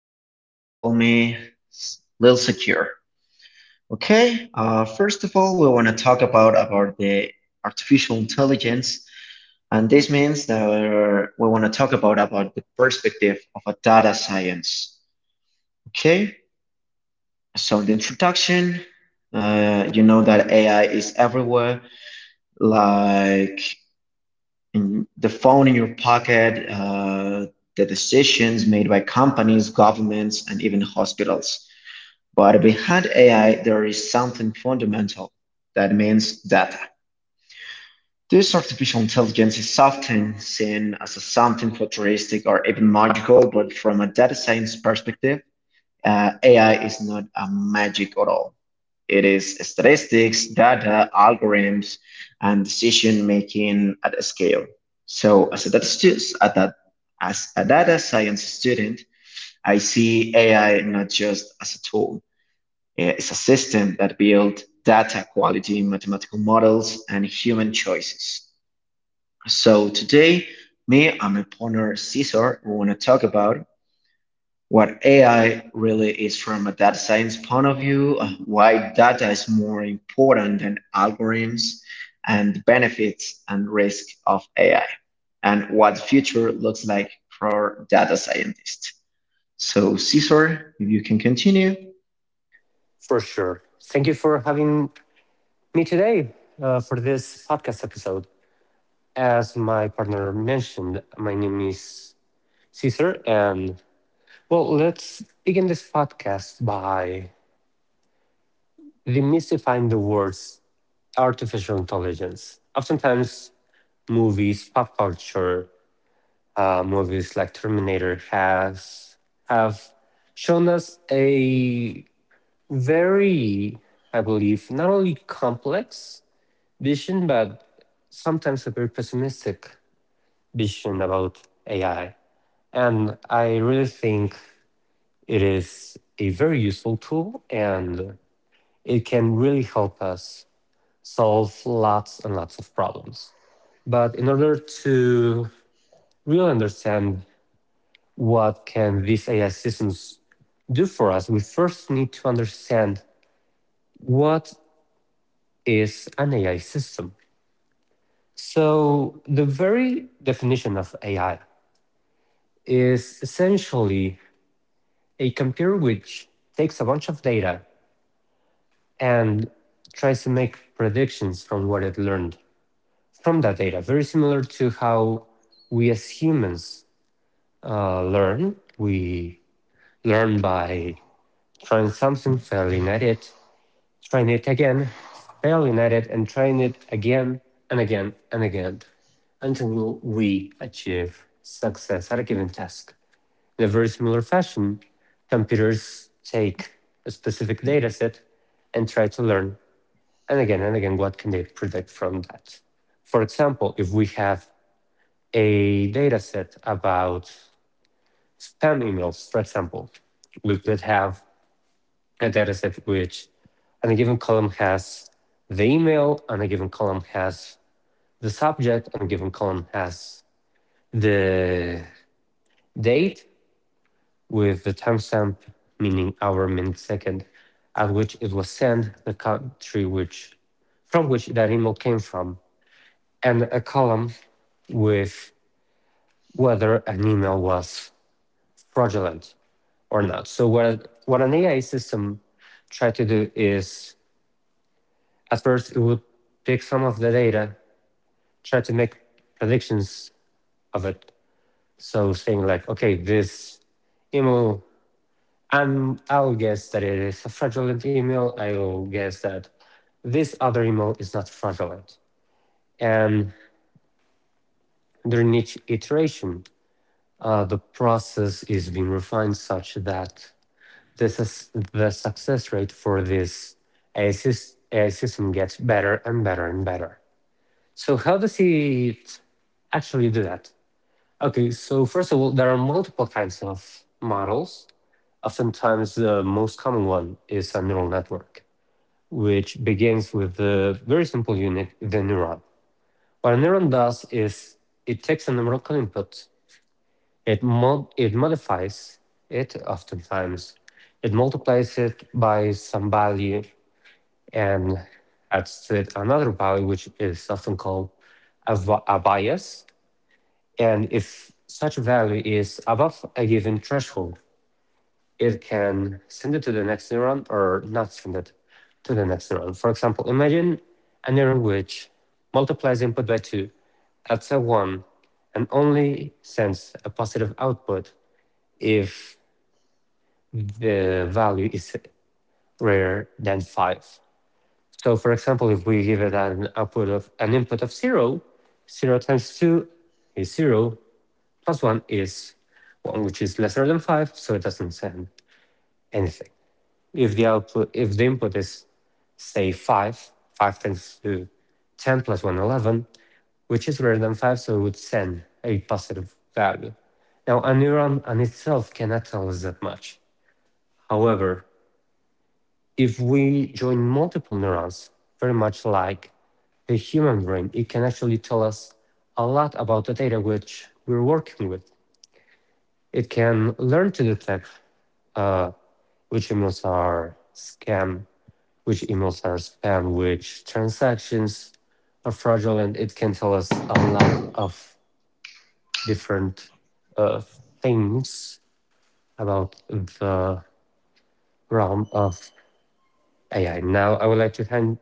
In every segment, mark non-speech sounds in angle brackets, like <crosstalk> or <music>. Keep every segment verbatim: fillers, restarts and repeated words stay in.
Luis, or you can call me S- Lil Secure. Okay, uh, first of all, we want to talk about, about the artificial intelligence, and this means that we're- we want to talk about, about the perspective of a data science. Okay, so in the introduction, uh, you know that A I is everywhere, like in the phone in your pocket, uh, the decisions made by companies, governments, and even hospitals. But behind A I, there is something fundamental that means data. This artificial intelligence is often seen as a something futuristic or even magical, but from a data science perspective, uh, A I is not a magic at all. It is statistics, data, algorithms, and decision making at a scale. So, as a data, stu- at that- as a data science student, I see A I not just as a tool. It's a system that builds data quality, mathematical models, and human choices. So today, me and my partner Cesar, we want to talk about what A I really is from a data science point of view, uh, why data is more important than algorithms, and the benefits and risk of A I, and what the future looks like for data scientists. So, Cesar, if you can continue. For sure. Thank you for having me today uh, for this podcast episode. As my partner mentioned, my name is Caesar, and well, let's begin this podcast by demystifying the words artificial intelligence. Oftentimes, movies, pop culture, uh, movies like Terminator has have shown us a very, I believe, not only complex vision, but sometimes a very pessimistic vision about A I. And I really think it is a very useful tool and it can really help us solve lots and lots of problems. But in order to really understand what can these A I systems do for us, we first need to understand what is an A I system. So the very definition of A I is essentially a computer which takes a bunch of data and tries to make predictions from what it learned from that data. Very similar to how we as humans uh, learn. We learn by trying something, failing at it, trying it again, failing at it, and trying it again and again and again until we achieve success at a given task. In a very similar fashion, computers take a specific data set and try to learn, and again and again, what can they predict from that. For example, if we have a data set about spam emails, for example, we could have a data set which on a given column has the email, on a given column has the subject, on a given column has the date, with the timestamp, meaning hour, minute, second, at which it was sent, the country which from which that email came from, and a column with whether an email was fraudulent or not. So what what an A I system tried to do is at first it would pick some of the data, try to make predictions of it. So saying like, okay, this email and I'll guess that it is a fraudulent email. I'll guess that this other email is not fraudulent. And during each iteration, uh, the process is being refined such that this is the success rate for this A I, sys- A I system gets better and better and better. So how does it actually do that? Okay, so first of all, there are multiple kinds of models. Oftentimes, the most common one is a neural network, which begins with the very simple unit, the neuron. What a neuron does is it takes an numerical input, it, mod- it modifies it oftentimes, it multiplies it by some value and adds to it another value, which is often called a, a bias. And if such value is above a given threshold, it can send it to the next neuron or not send it to the next neuron. For example, imagine a neuron which multiplies input by two, adds a one, and only sends a positive output if the value is greater than five. So for example, if we give it an output of an input of zero, zero times two is zero, plus one is one, which is lesser than five, so it doesn't send anything. If the output, if the input is say five, five tends to ten plus one, eleven, which is greater than five, so it would send a positive value. Now, a neuron on itself cannot tell us that much. However, if we join multiple neurons, very much like the human brain, it can actually tell us a lot about the data which we're working with. It can learn to detect uh, which emails are scam, which emails are spam, which transactions are fraudulent. It can tell us a lot of different uh, things about the realm of A I. Now, I would like to hand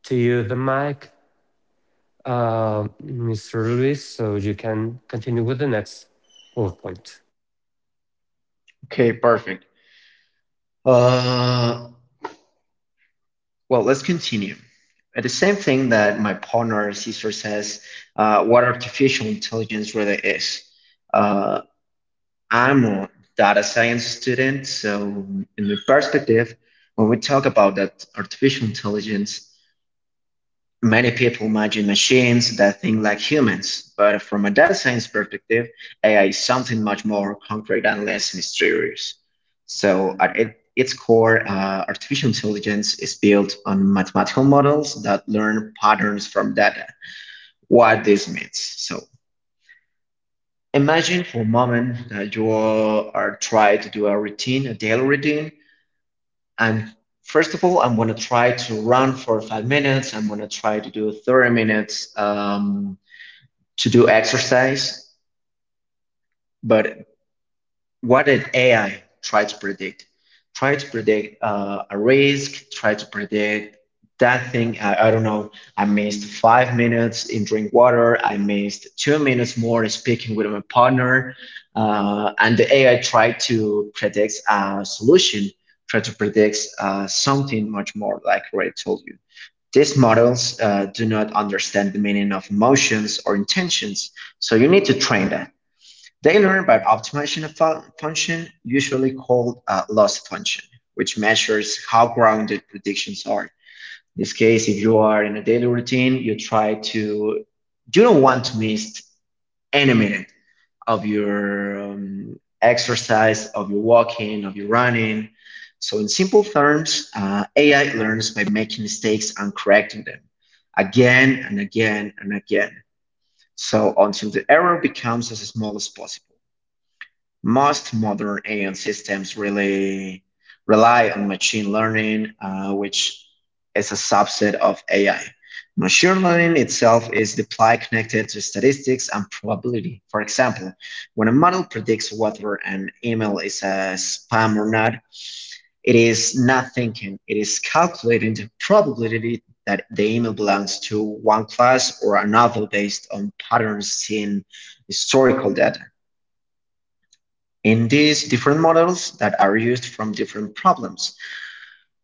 to you the mic, uh, mister Luis, so you can continue with the next bullet point. Okay, perfect. Uh, well, let's continue. Uh, The same thing that my partner Cesar says, uh, what artificial intelligence really is. Uh, I'm a data science student, so in my perspective, when we talk about that artificial intelligence, many people imagine machines that think like humans. But from a data science perspective, A I is something much more concrete and less mysterious. So at it, its core, uh, artificial intelligence is built on mathematical models that learn patterns from data. What this means? So imagine for a moment that you are trying to do a routine, a daily routine, and first of all, I'm gonna try to run for five minutes. I'm gonna try to do thirty minutes um, to do exercise. But what did A I try to predict? Try to predict uh, a risk, try to predict that thing. I, I don't know. I missed five minutes in drink water. I missed two minutes more speaking with my partner. Uh, and the A I tried to predict a solution, try to predict uh, something much more like what I told you. These models uh, do not understand the meaning of emotions or intentions. So you need to train that. They learn by optimization of fu- function, usually called uh, loss function, which measures how grounded predictions are. In this case, if you are in a daily routine, you try to, you don't want to miss any minute of your um, exercise, of your walking, of your running. So, in simple terms, uh, A I learns by making mistakes and correcting them again and again and again. So, until the error becomes as small as possible. Most modern A I systems really rely on machine learning, uh, which is a subset of A I. Machine learning itself is the deployed connected to statistics and probability. For example, when a model predicts whether an email is a spam or not, it is not thinking, it is calculating the probability that the email belongs to one class or another based on patterns in historical data in these different models that are used from different problems.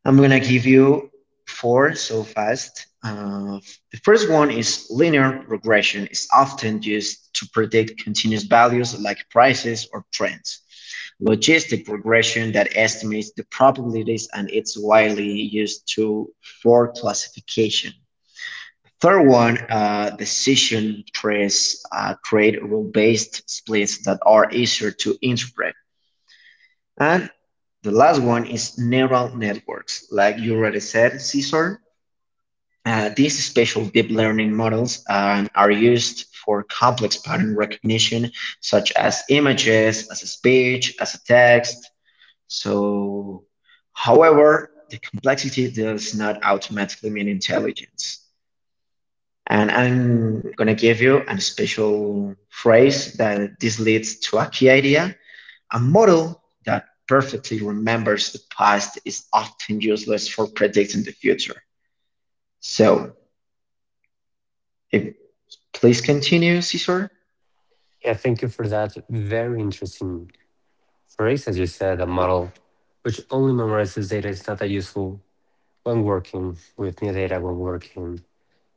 I'm gonna give you four so fast. Uh, the first one is linear regression. It's often used to predict continuous values like prices or trends. Logistic regression that estimates the probabilities and it's widely used to for classification. Third one, uh, decision trees uh, create rule-based splits that are easier to interpret. And the last one is neural networks. Like you already said, Cesar, uh, these special deep learning models um, are used for complex pattern recognition, such as images, as a speech, as a text. So, however, the complexity does not automatically mean intelligence. And I'm gonna give you a special phrase that this leads to a key idea: a model that perfectly remembers the past is often useless for predicting the future. So, if please continue, Cesar. Yeah, thank you for that very interesting. For instance, you said a model which only memorizes data is not that useful when working with new data, when working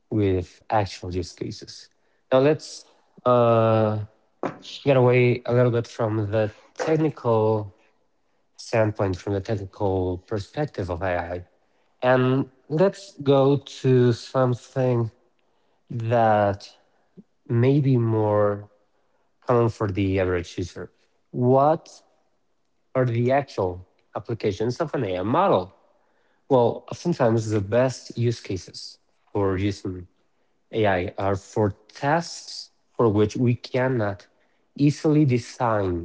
with actual use cases. Now let's uh, get away a little bit from the technical standpoint, from the technical perspective of A I, and let's go to something that may be more common for the average user. What are the actual applications of an A I model? Well, oftentimes the best use cases for using A I are for tasks for which we cannot easily design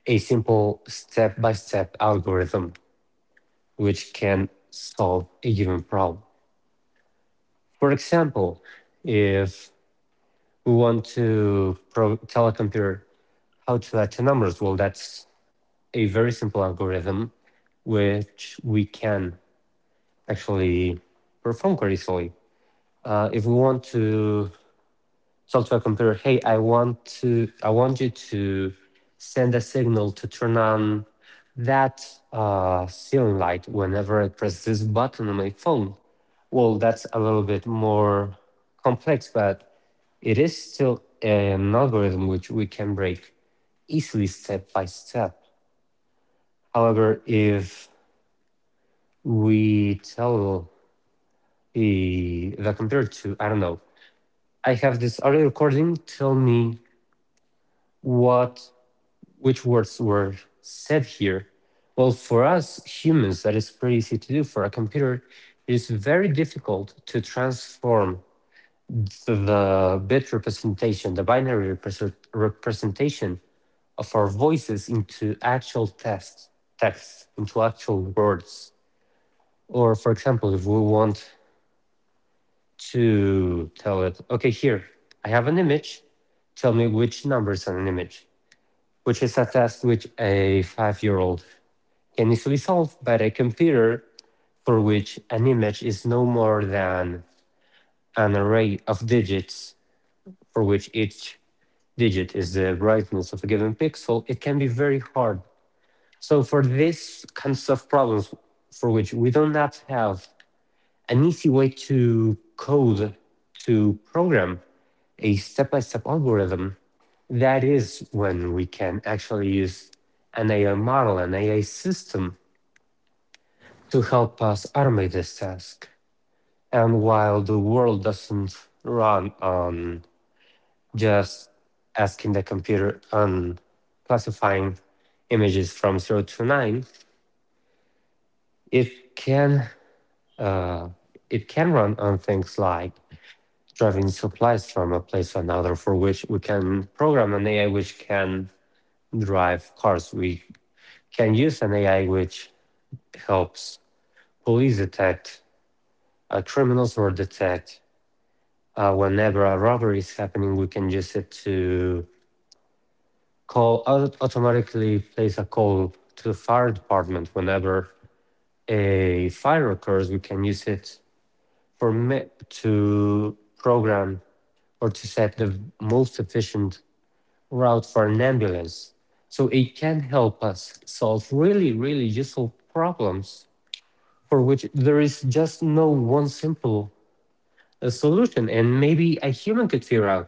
a simple step by step algorithm which can solve a given problem. For example, if we want to pro- tell a computer how to add two numbers, well, that's a very simple algorithm which we can actually perform quite easily. Uh, if we want to tell to a computer, hey, I want to, I want you to send a signal to turn on that uh, ceiling light whenever I press this button on my phone. Well, that's a little bit more complex, but it is still an algorithm which we can break easily step by step. However, if we tell the, the computer to, I don't know, I have this audio recording, tell me what which words were said here? Well, for us humans, that is pretty easy to do. For a computer, it is very difficult to transform the bit representation, the binary represent- representation of our voices into actual text, text, into actual words. Or, for example, if we want to tell it, okay, here, I have an image, tell me which numbers on an image, which is a task which a five year old can easily solve, but a computer for which an image is no more than an array of digits for which each digit is the brightness of a given pixel, it can be very hard. So for this kinds of problems for which we do not have an easy way to code, to program a step by step algorithm, that is when we can actually use an A I model, an A I system to help us automate this task. And while the world doesn't run on just asking the computer on classifying images from zero to nine, it can uh, it can run on things like driving supplies from a place to another for which we can program an A I which can drive cars. We can use an A I which helps police detect uh, criminals or detect uh, whenever a robbery is happening. We can use it to call, automatically place a call to the fire department whenever a fire occurs. We can use it for ma- to program or to set the most efficient route for an ambulance. So it can help us solve really, really useful problems for which there is just no one simple uh, solution. And maybe a human could figure out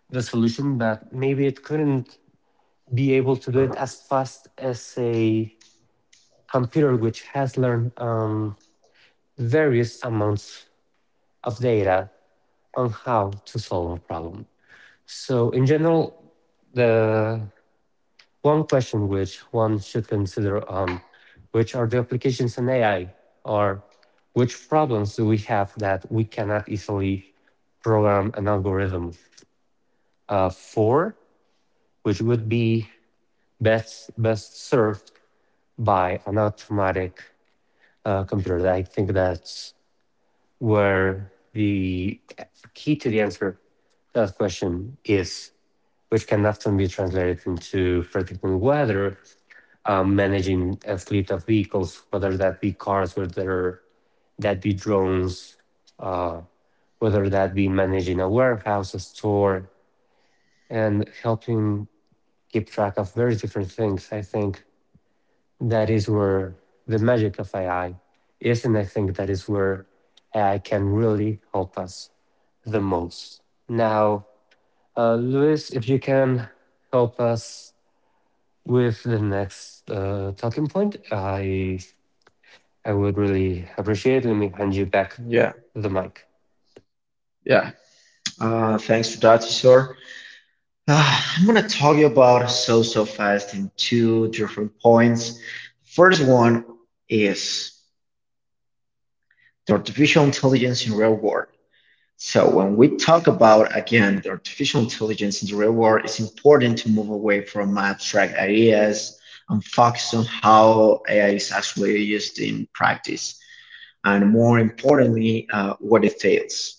the solution, but maybe it couldn't be able to do it as fast as a computer, which has learned um, various amounts of data on how to solve a problem. So, in general, the one question which one should consider on which are the applications in A I or which problems do we have that we cannot easily program an algorithm uh, for, which would be best best served by an automatic uh, computer. I think that's where the key to the answer to that question is, which can often be translated into predicting weather, um, managing a fleet of vehicles, whether that be cars, whether that be drones, uh, whether that be managing a warehouse, a store, and helping keep track of very different things. I think that is where the magic of A I is, and I think that is where A I can really help us the most. Now, uh, Luis, if you can help us with the next uh, talking point, I I would really appreciate it. Let me hand you back Yeah. the mic. Uh, thanks for that, Cesar. Uh, I'm gonna talk you about so so fast in two different points. The first one is the artificial intelligence in real world. So when we talk about, again, the artificial intelligence in the real world, it's important to move away from abstract ideas and focus on how A I is actually used in practice, and more importantly, uh, what it fails.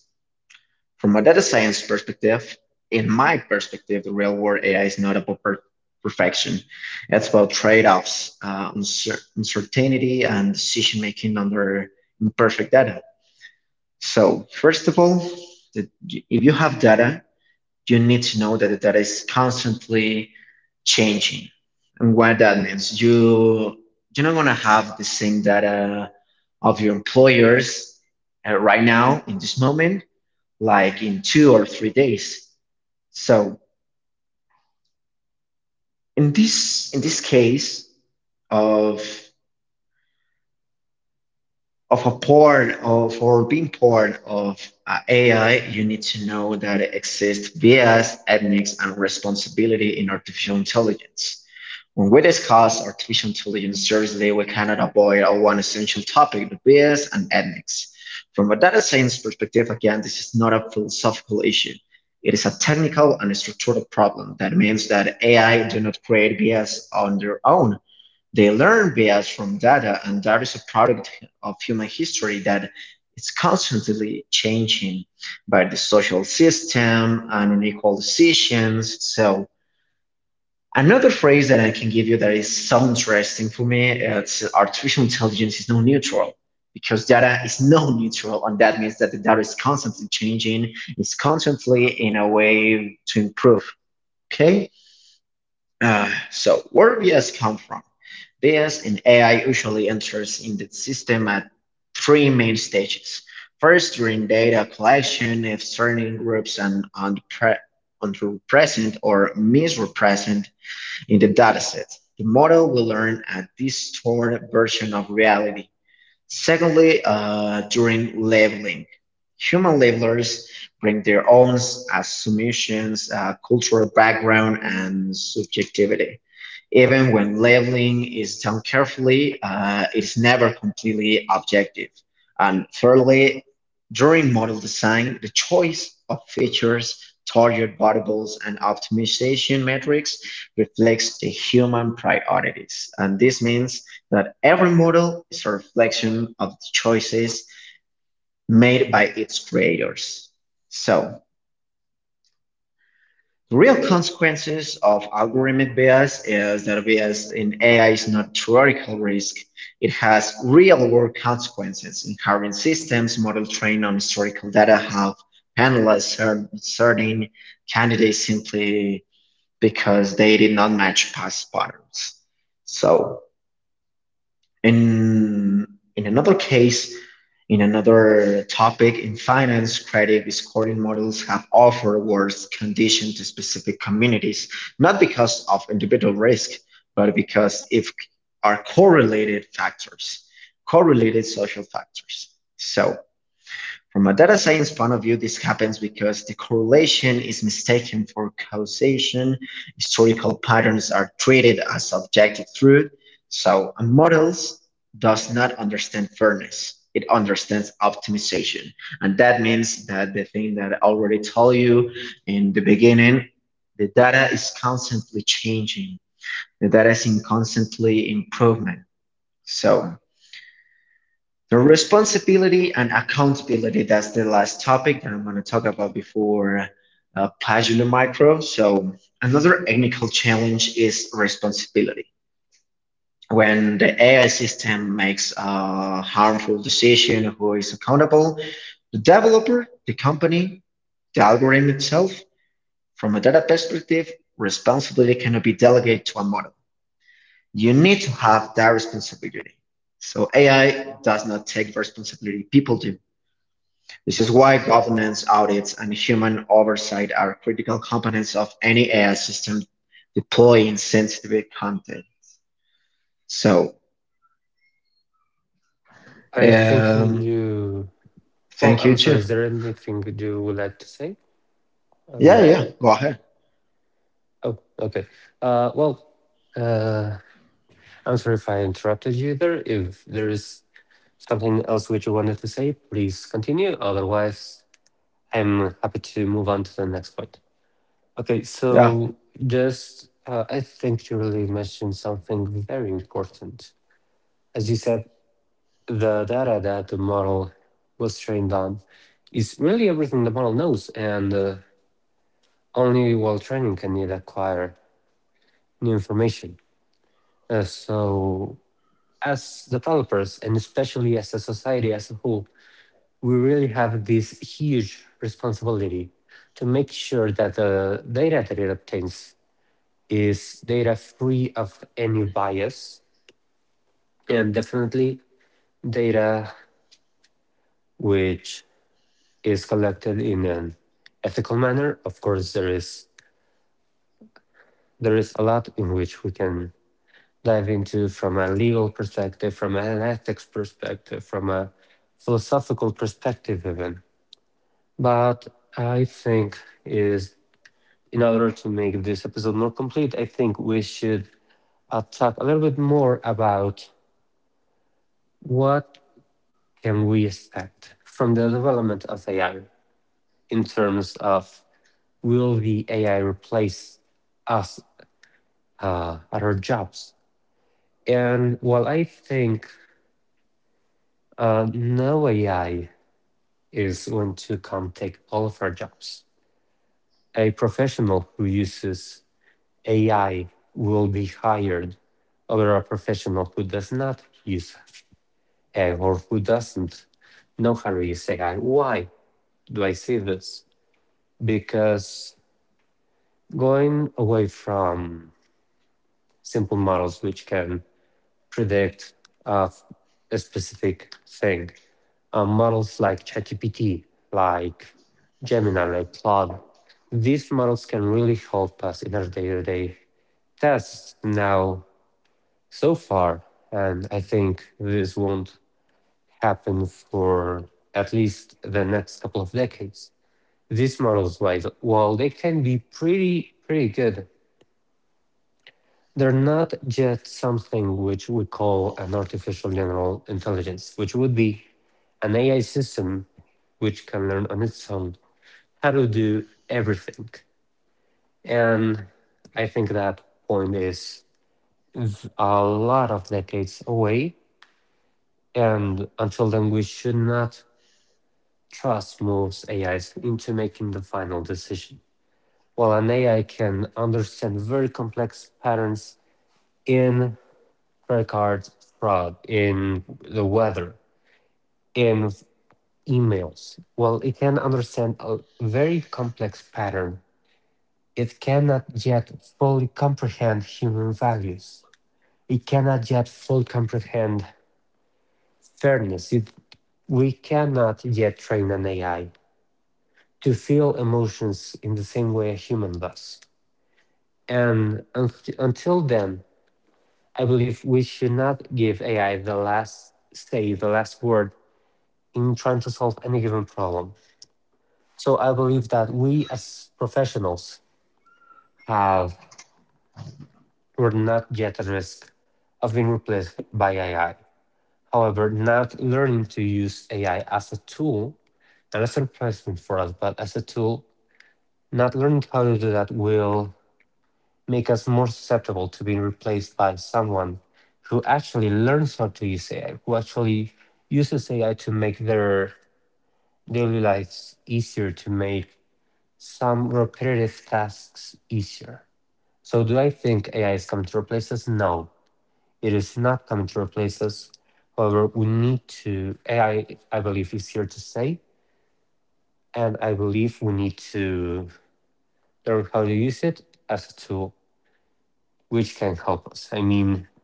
From a data science perspective, in my perspective, the real world A I is not about per- perfection. It's about trade-offs, uh, uncer- uncertainty, and decision-making under imperfect data. So first of all, the, if you have data, you need to know that the data is constantly changing. And what that means, you you're not gonna have the same data of your employers uh, right now in this moment, like in two or three days. So in this in this case of of a porn of or being porn of uh, A I, you need to know that it exists bias, ethics, and responsibility in artificial intelligence. When we discuss artificial intelligence seriously, we cannot avoid our one essential topic, the bias and ethics. From a data science perspective, again, this is not a philosophical issue. It is a technical and structural problem. That means that A I do not create bias on their own. They learn bias from data, and that is a product of human history that is constantly changing by the social system and unequal decisions. So another phrase that I can give you that is so interesting for me, it's artificial intelligence is no neutral because data is no neutral, and that means that the data is constantly changing, it's constantly in a way to improve. Okay. Uh, so where bias come from? Bias in A I usually enters in the system at three main stages. First, during data collection, if certain groups are underpre- underrepresented or misrepresented in the dataset, the model will learn a distorted version of reality. Secondly, uh, during leveling, human levelers bring their own assumptions, uh, cultural background, and subjectivity. Even when leveling is done carefully, uh, it is never completely objective. And thirdly, during model design, the choice of features, target variables, and optimization metrics reflects the human priorities. And this means that every model is a reflection of the choices made by its creators. So, the real consequences of algorithmic bias is that bias in A I is not theoretical risk. It has real world consequences in current systems, model trained on historical data have penalized certain candidates simply because they did not match past patterns. So, In in another case, in another topic, in finance, credit scoring models have offered worse conditions to specific communities, not because of individual risk, but because if are correlated factors, correlated social factors. So from a data science point of view, this happens because the correlation is mistaken for causation. Historical patterns are treated as objective truth. So a models does not understand fairness. It understands optimization. And that means that the thing that I already told you in the beginning, the data is constantly changing. The data is in constantly improvement. So the responsibility and accountability, that's the last topic that I'm going to talk about before uh, Pagina Micro. So, another technical challenge is responsibility. When the A I system makes a harmful decision, who is accountable? The developer, the company, the algorithm itself. From a data perspective, responsibility cannot be delegated to a model. You need to have that responsibility. So A I does not take responsibility, people do. This is why governance, audits, and human oversight are critical components of any A I system deploying sensitive content. So, I think um, you. Well, I'm thank you sorry. Is too. there anything that you would like to say? Um. Yeah, yeah, go ahead. Oh, okay. Uh. Well. Uh. I'm sorry if I interrupted you there. If there is something else which you wanted to say, please continue. Otherwise, I'm happy to move on to the next point. Okay. Yeah. So just. Uh, I think you really mentioned something very important. As you said, the data that the model was trained on is really everything the model knows, and uh, only while training can it acquire new information. Uh, so, as developers, and especially as a society as a whole, we really have this huge responsibility to make sure that the data that it obtains is data free of any bias and definitely data which is collected in an ethical manner. Of course, there is there is a lot in which we can dive into from a legal perspective, from an ethics perspective, from a philosophical perspective, even. But I think is in order to make this episode more complete, I think we should uh, talk a little bit more about what can we expect from the development of A I in terms of will the A I replace us uh, at our jobs. And while I think uh, no A I is going to come take all of our jobs. A professional who uses A I will be hired over a professional who does not use A I or who doesn't know how to use A I. Why do I say this? Because going away from simple models which can predict uh, a specific thing. Uh, models like ChatGPT, like Gemini, like Claude, these models can really help us in our day-to-day tests now so far. And I think this won't happen for at least the next couple of decades. These models, while while they can be pretty pretty good, they're not just something which we call an artificial general intelligence, which would be an A I system which can learn on its own how to do everything. And I think that point is v- a lot of decades away. And until then, we should not trust most A Is into making the final decision. While an A I can understand very complex patterns in credit card fraud, in the weather, in emails. Well, it can understand a very complex pattern. It cannot yet fully comprehend human values. It cannot yet fully comprehend fairness. It, we cannot yet train an A I to feel emotions in the same way a human does. And unti- until then, I believe we should not give A I the last say, the last word in trying to solve any given problem. So I believe that we as professionals have, we're not yet at risk of being replaced by A I. However, not learning to use A I as a tool, not as a replacement for us, but as a tool, not learning how to do that will make us more susceptible to being replaced by someone who actually learns how to use A I, who actually uses A I to make their daily lives easier, to make some repetitive tasks easier. So, do I think A I is coming to replace us? No, it is not coming to replace us. However, we need to, A I, I I believe, is here to stay. And I believe we need to learn how to use it as a tool which can help us. I mean,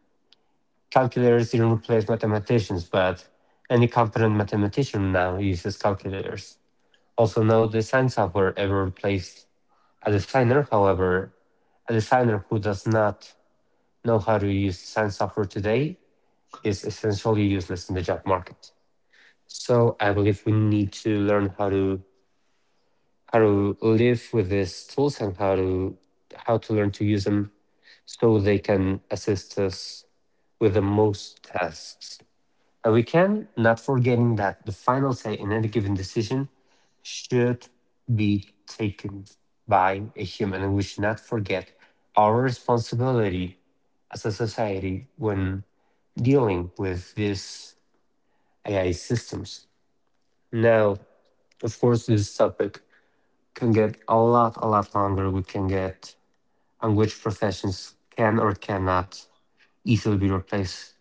calculators didn't replace mathematicians, but any competent mathematician now uses calculators. Also, no design software ever replaced a designer. However, a designer who does not know how to use science software today is essentially useless in the job market. So I believe we need to learn how to how to live with these tools and how to how to learn to use them so they can assist us with the most tasks. And we can, not forgetting that the final say in any given decision should be taken by a human. And we should not forget our responsibility as a society when dealing with these A I systems. Now, of course, this topic can get a lot, a lot longer. We can get on which professions can or cannot easily be replaced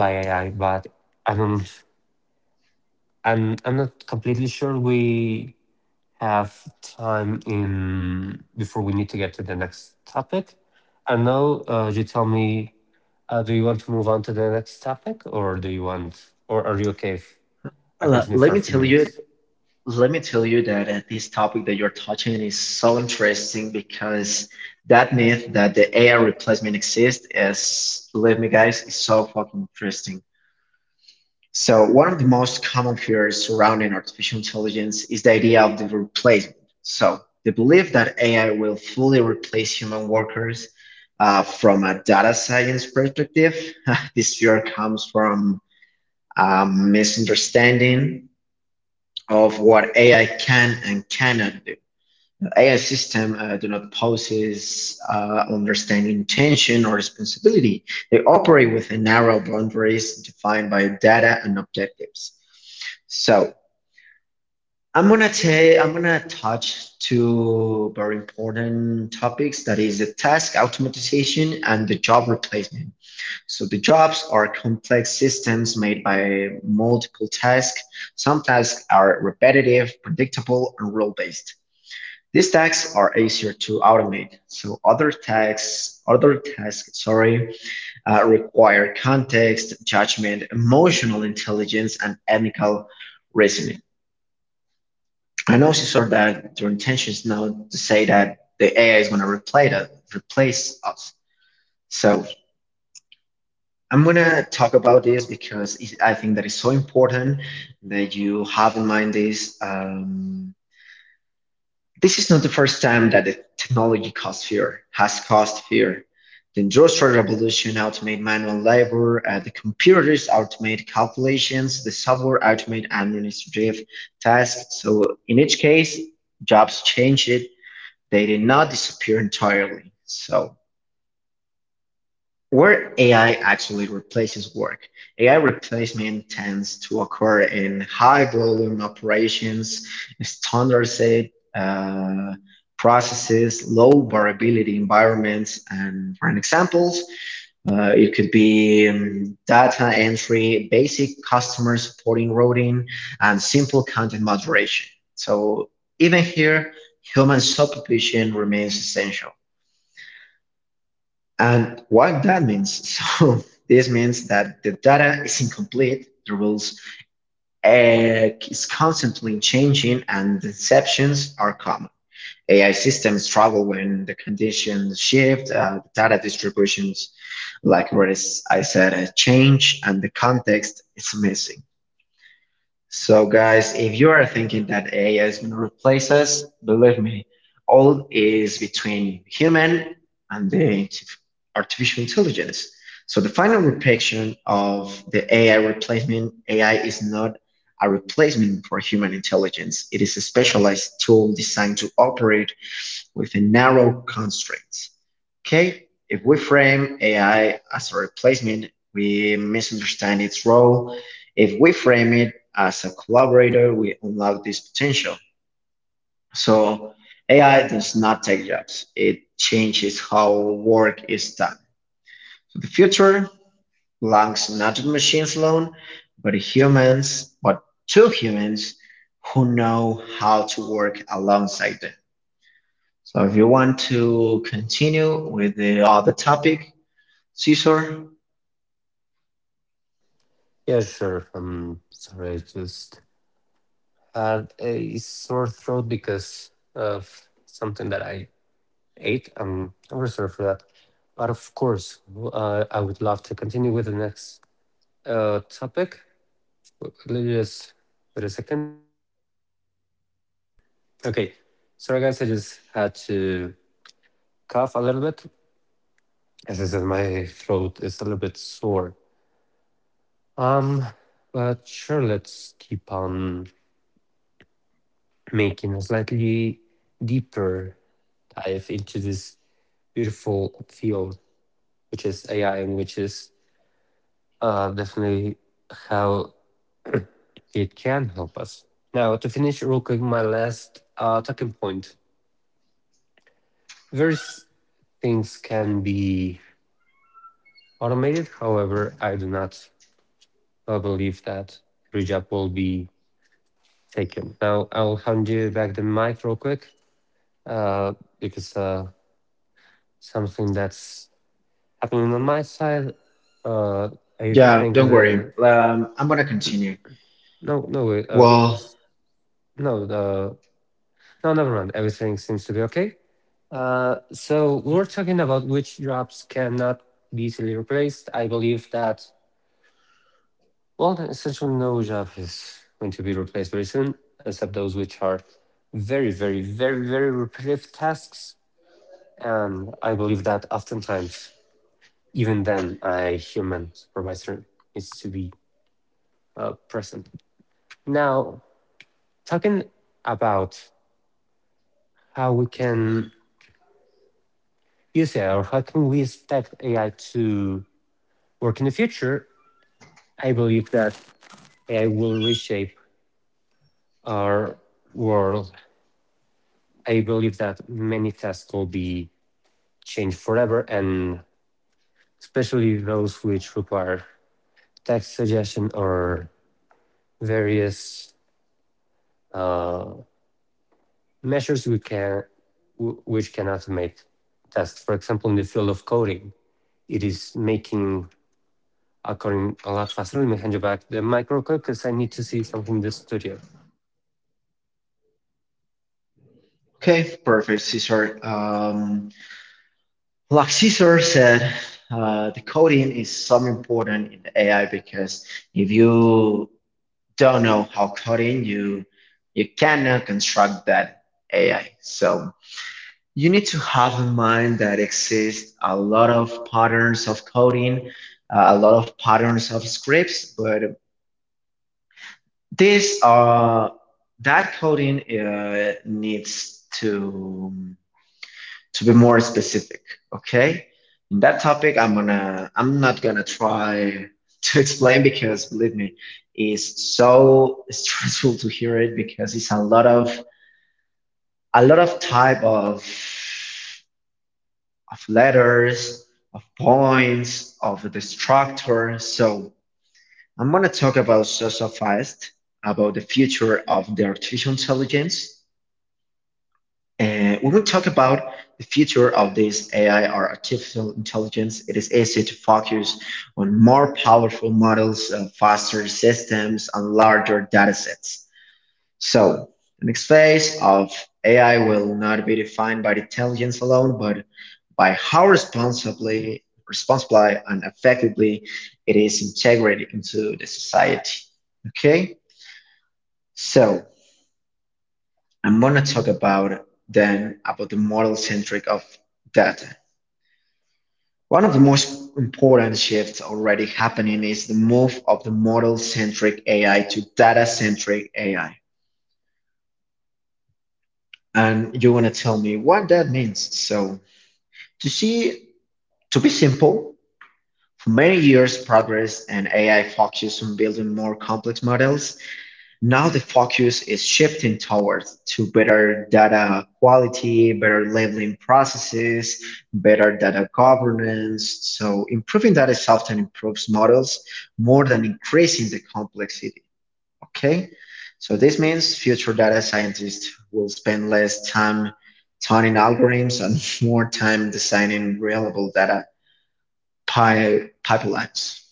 by A I, but I don't, I'm, I'm not completely sure we have time in before we need to get to the next topic. I know uh, you tell me, uh, do you want to move on to the next topic or do you want, or are you okay if I Le- continue let for me a few tell you, minutes? let me tell you that uh, this topic that you're touching is so interesting because that myth that the A I replacement exists is, believe me, guys, is so fucking interesting. So one of the most common fears surrounding artificial intelligence is the idea of the replacement. So the belief that A I will fully replace human workers uh, from a data science perspective, <laughs> this fear comes from a misunderstanding of what A I can and cannot do. A I systems uh, do not possess uh, understanding intention, or responsibility. They operate within narrow boundaries defined by data and objectives. So I'm gonna take I'm gonna touch two very important topics that is the task automatization and the job replacement. So the jobs are complex systems made by multiple tasks. Some tasks are repetitive, predictable, and rule-based. These tasks are easier to automate. So other tasks, other tasks, sorry, uh, require context, judgment, emotional intelligence, and ethical reasoning. I know she said that their intention is now to say that the A I is going to replace us, replace us. So I'm going to talk about this because it, I think that is so important that you have in mind this. Um, this is not the first time that the technology caused fear, has caused fear. The industrial revolution automate manual labor, uh, the computers automate calculations, the software automate administrative tasks. So in each case, jobs change it. They did not disappear entirely. So, where A I actually replaces work, A I replacement tends to occur in high volume operations, standardized uh, processes, low variability environments, and for an examples, uh, it could be um, data entry, basic customer supporting routing, and simple content moderation. So even here, human supervision remains essential. And what that means, so <laughs> this means that the data is incomplete, the rules uh, is constantly changing, and exceptions are common. A I systems struggle when the conditions shift, uh, the data distributions, like what is- I said, uh, change, and the context is missing. So, guys, if you are thinking that A I is going to replace us, believe me, all is between human and the artificial intelligence. So, the final depiction of the A I replacement, A I is not a replacement for human intelligence. It is a specialized tool designed to operate within narrow constraints. Okay, if we frame A I as a replacement, we misunderstand its role. If we frame it as a collaborator, we unlock this potential. So A I does not take jobs. It changes how work is done. So the future belongs not to machines alone, but humans, but to humans who know how to work alongside them. So if you want to continue with the other topic, Caesar, Yeah, sure. I'm sorry. I just had a sore throat because of something that I ate. I'm, I'm very sorry for that. But of course, w- uh, I would love to continue with the next uh, topic. W- Let me just wait a second. Okay. Sorry, guys. I just had to cough a little bit. As I said, my throat is a little bit sore. Um, but sure, let's keep on making a slightly deeper dive into this beautiful field, which is A I, and which is uh, definitely how it can help us. Now, to finish real quick, my last uh, talking point. Various things can be automated. However, I do not uh, believe that every job will be taken. Now, I'll hand you back the mic real quick, uh, because uh, something that's happening on my side, uh, I yeah, think don't worry. the, Um, I'm gonna continue. no, no, wait. Uh, Well, s- no, uh, no, never mind. Everything seems to be okay. Uh, so we were talking about which jobs cannot be easily replaced. I believe that, well, essentially no job is going to be replaced very soon, except those which are very, very, very, very repetitive tasks. And I believe that oftentimes, even then, a human supervisor needs to be uh, present. Now, talking about how we can, you say, or how can we expect A I to work in the future? I believe that A I will reshape our world. I believe that many tasks will be changed forever, and especially those which require text suggestion or various uh, measures we can w- which can automate tasks. For example, in the field of coding, it is making a coding a lot faster. Let me hand you back the microcode because I need to see something in the studio. okay, perfect, Cesar. Um, like Cesar said, uh, the coding is so important in the A I because if you don't know how coding, you you cannot construct that A I. So you need to have in mind that exist a lot of patterns of coding, uh, a lot of patterns of scripts, but this uh, that coding uh, needs to to be more specific, okay? In that topic, I'm gonna, I'm not gonna try to <laughs> explain because believe me, it's so <laughs> stressful to hear it because it's a lot of, a lot of type of, of letters, of points, of the structure. So I'm gonna talk about so so fast about the future of the artificial intelligence. And we will talk about the future of this A I or artificial intelligence. It is easy to focus on more powerful models, uh, faster systems, and larger datasets. So, the next phase of A I will not be defined by intelligence alone, but by how responsibly, responsibly and effectively it is integrated into the society. Okay, so I'm going to talk about then about the model centric of data. One of the most important shifts already happening is the move of the model centric A I to data centric A I. And you want to tell me what that means. So, to see, to be simple, for many years, progress and A I focused on building more complex models. Now the focus is shifting towards to better data quality, better labeling processes, better data governance. So improving data is often improves models more than increasing the complexity. Okay? So this means future data scientists will spend less time tuning algorithms and <laughs> more time designing reliable data pi- pipelines.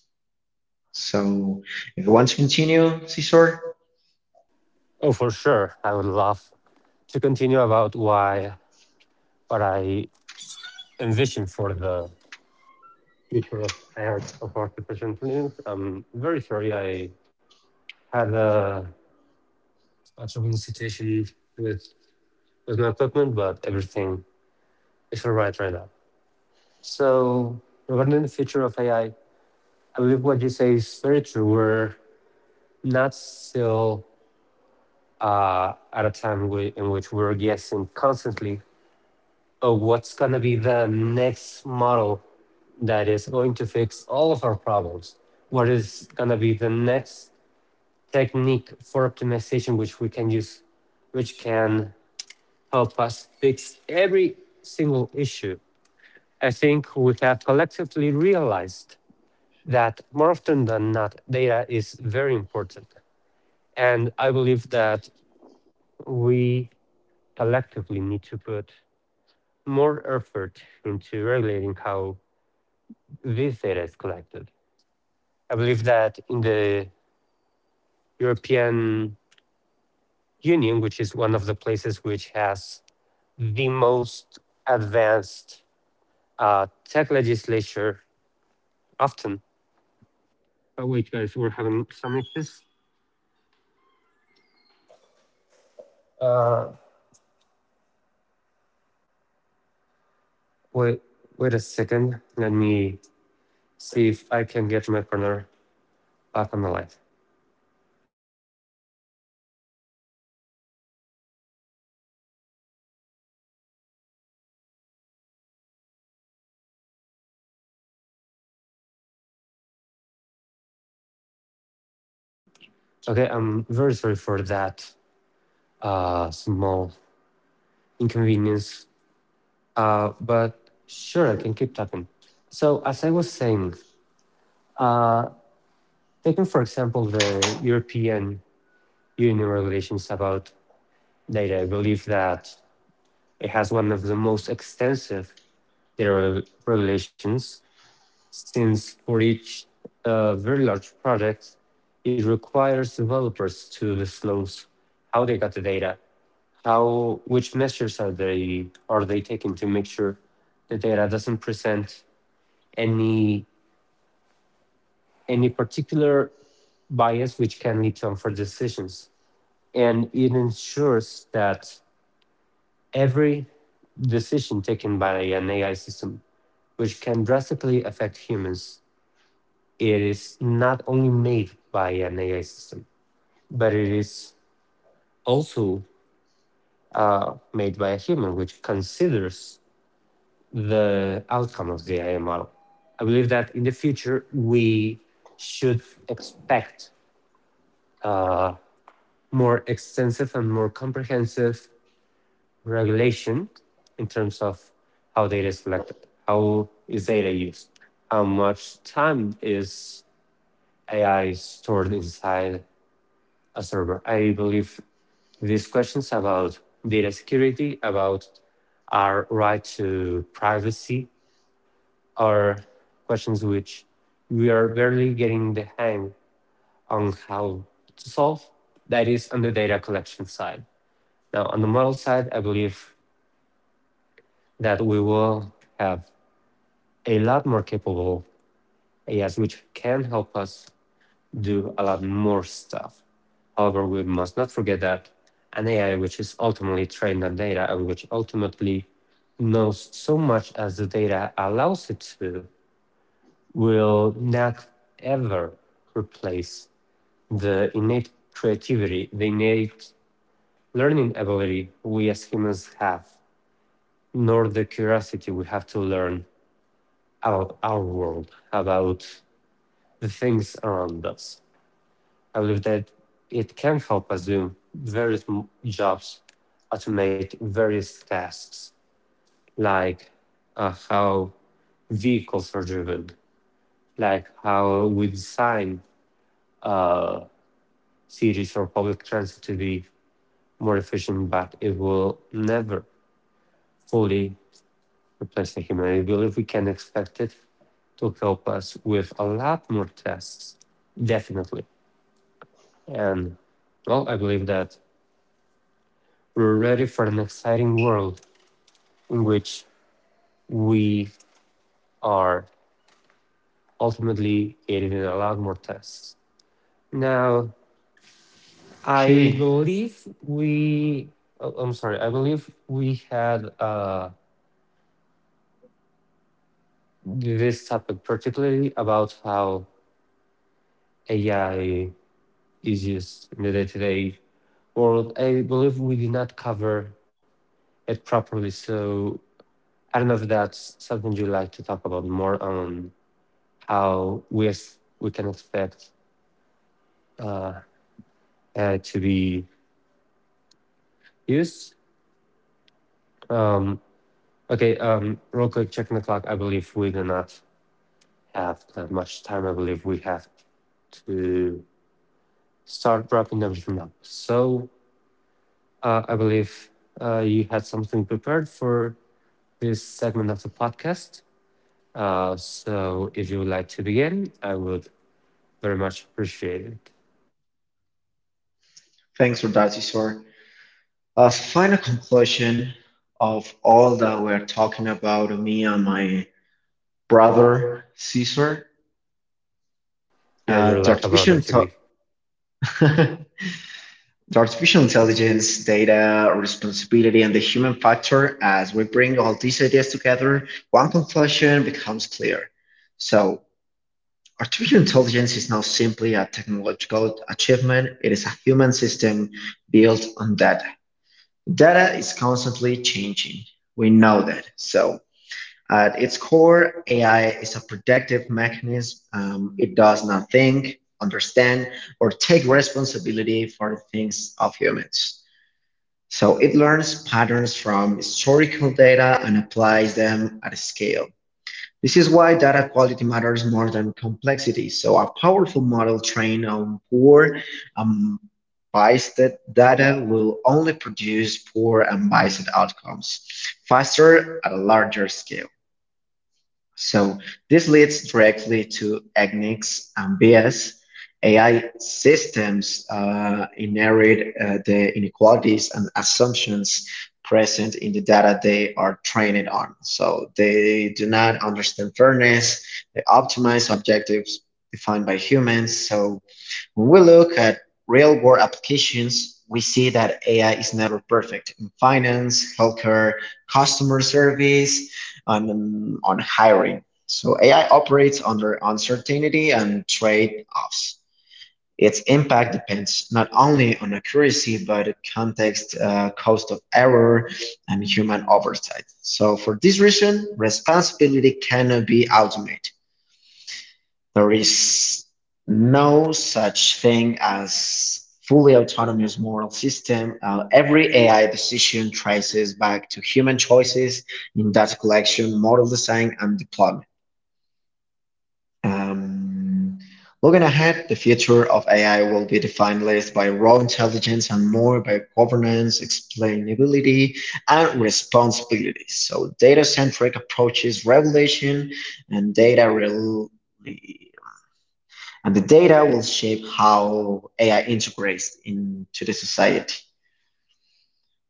So if you want to continue, Cesar? Oh, for sure. I would love to continue about why what I envision for the future of A I of artificial intelligence. I'm very sorry I had a, a trouble situation with with my equipment, but everything is all right right now. So regarding the future of A I, I I believe what you say is very true. We're not still uh, at a time we, in which we're guessing constantly of what's going to be the next model that is going to fix all of our problems. What is going to be the next technique for optimization, which we can use, which can help us fix every single issue? I think we have collectively realized that more often than not, data is very important. And I believe that we collectively need to put more effort into regulating how this data is collected. I believe that in the European Union, which is one of the places which has the most advanced uh, tech legislature, often. Oh, wait, guys, we're having some issues. Uh, Wait, wait a second. Let me see if I can get my corner back on the light. Okay, I'm very sorry for that uh, small inconvenience, uh, but sure, I can keep talking. So, as I was saying, Uh, taking, for example, the European Union regulations about data, I believe that it has one of the most extensive data reg- regulations since for each uh, very large project, it requires developers to disclose how they got the data, how which measures are they are they taking to make sure the data doesn't present any any particular bias which can lead to unfair decisions, and it ensures that every decision taken by an A I system, which can drastically affect humans, it is not only made by an A I system, but it is also made by a human, which considers the outcome of the A I model. I believe that in the future, we should expect more extensive and more comprehensive regulation in terms of how data is collected, how is data used, how much time is A I stored inside a server. I believe these questions about data security, about our right to privacy, are questions which we are barely getting the hang on how to solve. That is on the data collection side. Now, on the model side, I believe that we will have a lot more capable A Is, which can help us do a lot more stuff. However, we must not forget that an A I which is ultimately trained on data and which ultimately knows so much as the data allows it to, will not ever replace the innate creativity, the innate learning ability we as humans have, nor the curiosity we have to learn about our world, about the things around us. I believe that it can help us do various m- jobs, automate various tasks, like uh, how vehicles are driven, like how we design uh, cities for public transit to be more efficient, but it will never fully replace the human. I believe we can expect it to help us with a lot more tasks, definitely. And well, I believe that we're ready for an exciting world in which we are ultimately aided in a lot more tests. Now, I Okay, believe we, oh, I'm sorry, I believe we had uh, this topic particularly about how A I is used in the day to day world. I believe we did not cover it properly. So I don't know if that's something you'd like to talk about more on how we, as- we can expect uh, A I to be used. Um, okay, um, real quick, checking the clock. I believe we do not have that much time. I believe we have to start wrapping everything up. So uh, I believe uh, you had something prepared for this segment of the podcast. Uh, so if you would like to begin, I would very much appreciate it. thanks for that, Isor. A final conclusion of all that we're talking about, me and my brother Caesar. Yeah, Uh, you're the like a artificial brother to intel- me. <laughs> the artificial intelligence, data, responsibility, and the human factor. As we bring all these ideas together, one conclusion becomes clear. So, artificial intelligence is not simply a technological achievement; it is a human system built on data. The data is constantly changing. We know that. So, at its core, A I is a predictive mechanism. Um, it does not think, understand, or take responsibility for the things of humans. So, it learns patterns from historical data and applies them at a scale. This is why data quality matters more than complexity. So a powerful model trained on poor um, biased data will only produce poor and biased outcomes faster at a larger scale. So this leads directly to Agnik's ambitious A I systems uh, inherit uh, the inequalities and assumptions present in the data they are trained on. So they do not understand fairness, they optimize objectives defined by humans. So when we look at real world applications, we see that A I is never perfect in finance, healthcare, customer service, on, on hiring. So A I operates under uncertainty and trade-offs. Its impact depends not only on accuracy, but context, uh, cost of error, and human oversight. So for this reason, responsibility cannot be automated. There is no such thing as fully autonomous moral system. Uh, every A I decision traces back to human choices in data collection, model design, and deployment. Um, Looking ahead, the future of A I will be defined less by raw intelligence and more by governance, explainability, and responsibility. So, data-centric approaches, regulation, and data rel and the data will shape how A I integrates into the society.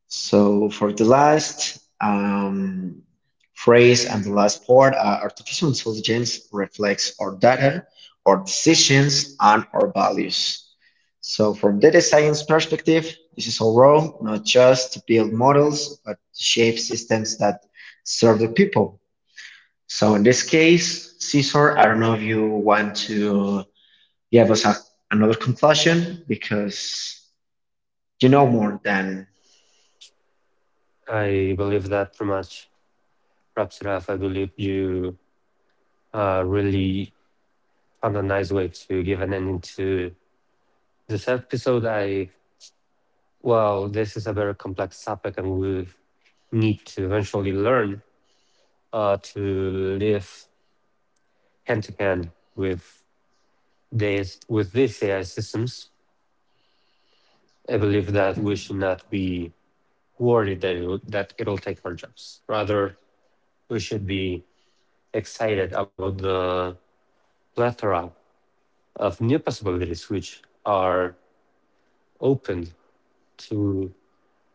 So for the last um, phrase and the last part, uh, artificial intelligence reflects our data, our decisions, and our values. So from data science perspective, this is our role, not just to build models, but to shape systems that serve the people. So in this case, Cesar, I don't know if you want to gave us a, another conclusion because you know more than I believe that pretty much wraps it up. I believe you uh, really found a nice way to give an ending to this episode. I, well, this is a very complex topic, and we need to eventually learn uh, to live hand to hand with this, with these A I systems. I believe that we should not be worried that it'll, that it'll take our jobs. Rather, we should be excited about the plethora of new possibilities which are opened to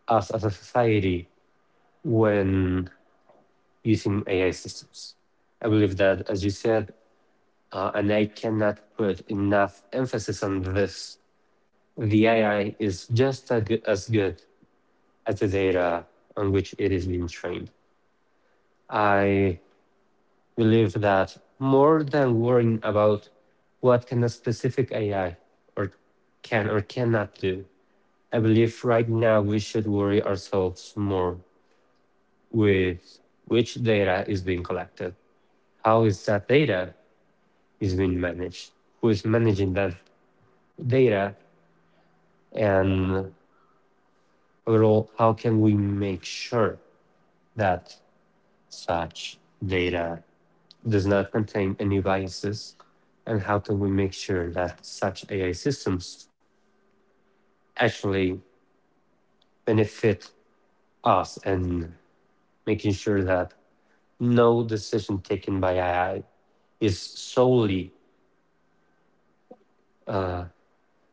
us as a society when using A I systems. I believe that, as you said, uh, and I cannot put enough emphasis on this, the A I is just as good, as good as the data on which it is being trained. I believe that more than worrying about what can a specific A I or can or cannot do, I believe right now we should worry ourselves more with which data is being collected. How is that data is being managed, who is managing that data, and overall, how can we make sure that such data does not contain any biases, and how can we make sure that such A I systems actually benefit us and making sure that no decision taken by A I is solely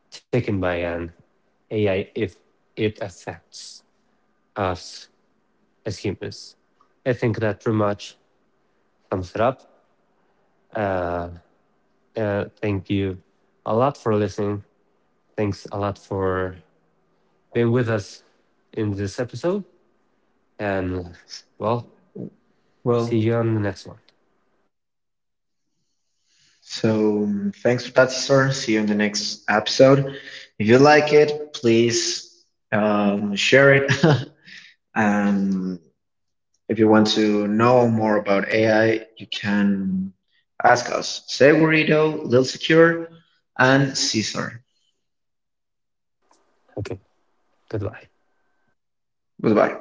taken by an A I if it affects us achievements. I think that pretty much sums it up. Uh, thank you a lot for listening. Thanks a lot for being with us in this episode. And well, see well. you on the next one. So um, thanks for that, Cesar. See you in the next episode. If you like it, please um, share it. <laughs> um, if you want to know more about A I, you can ask us, Segurito, Lil Secure, and Cesar. Okay, goodbye. Goodbye.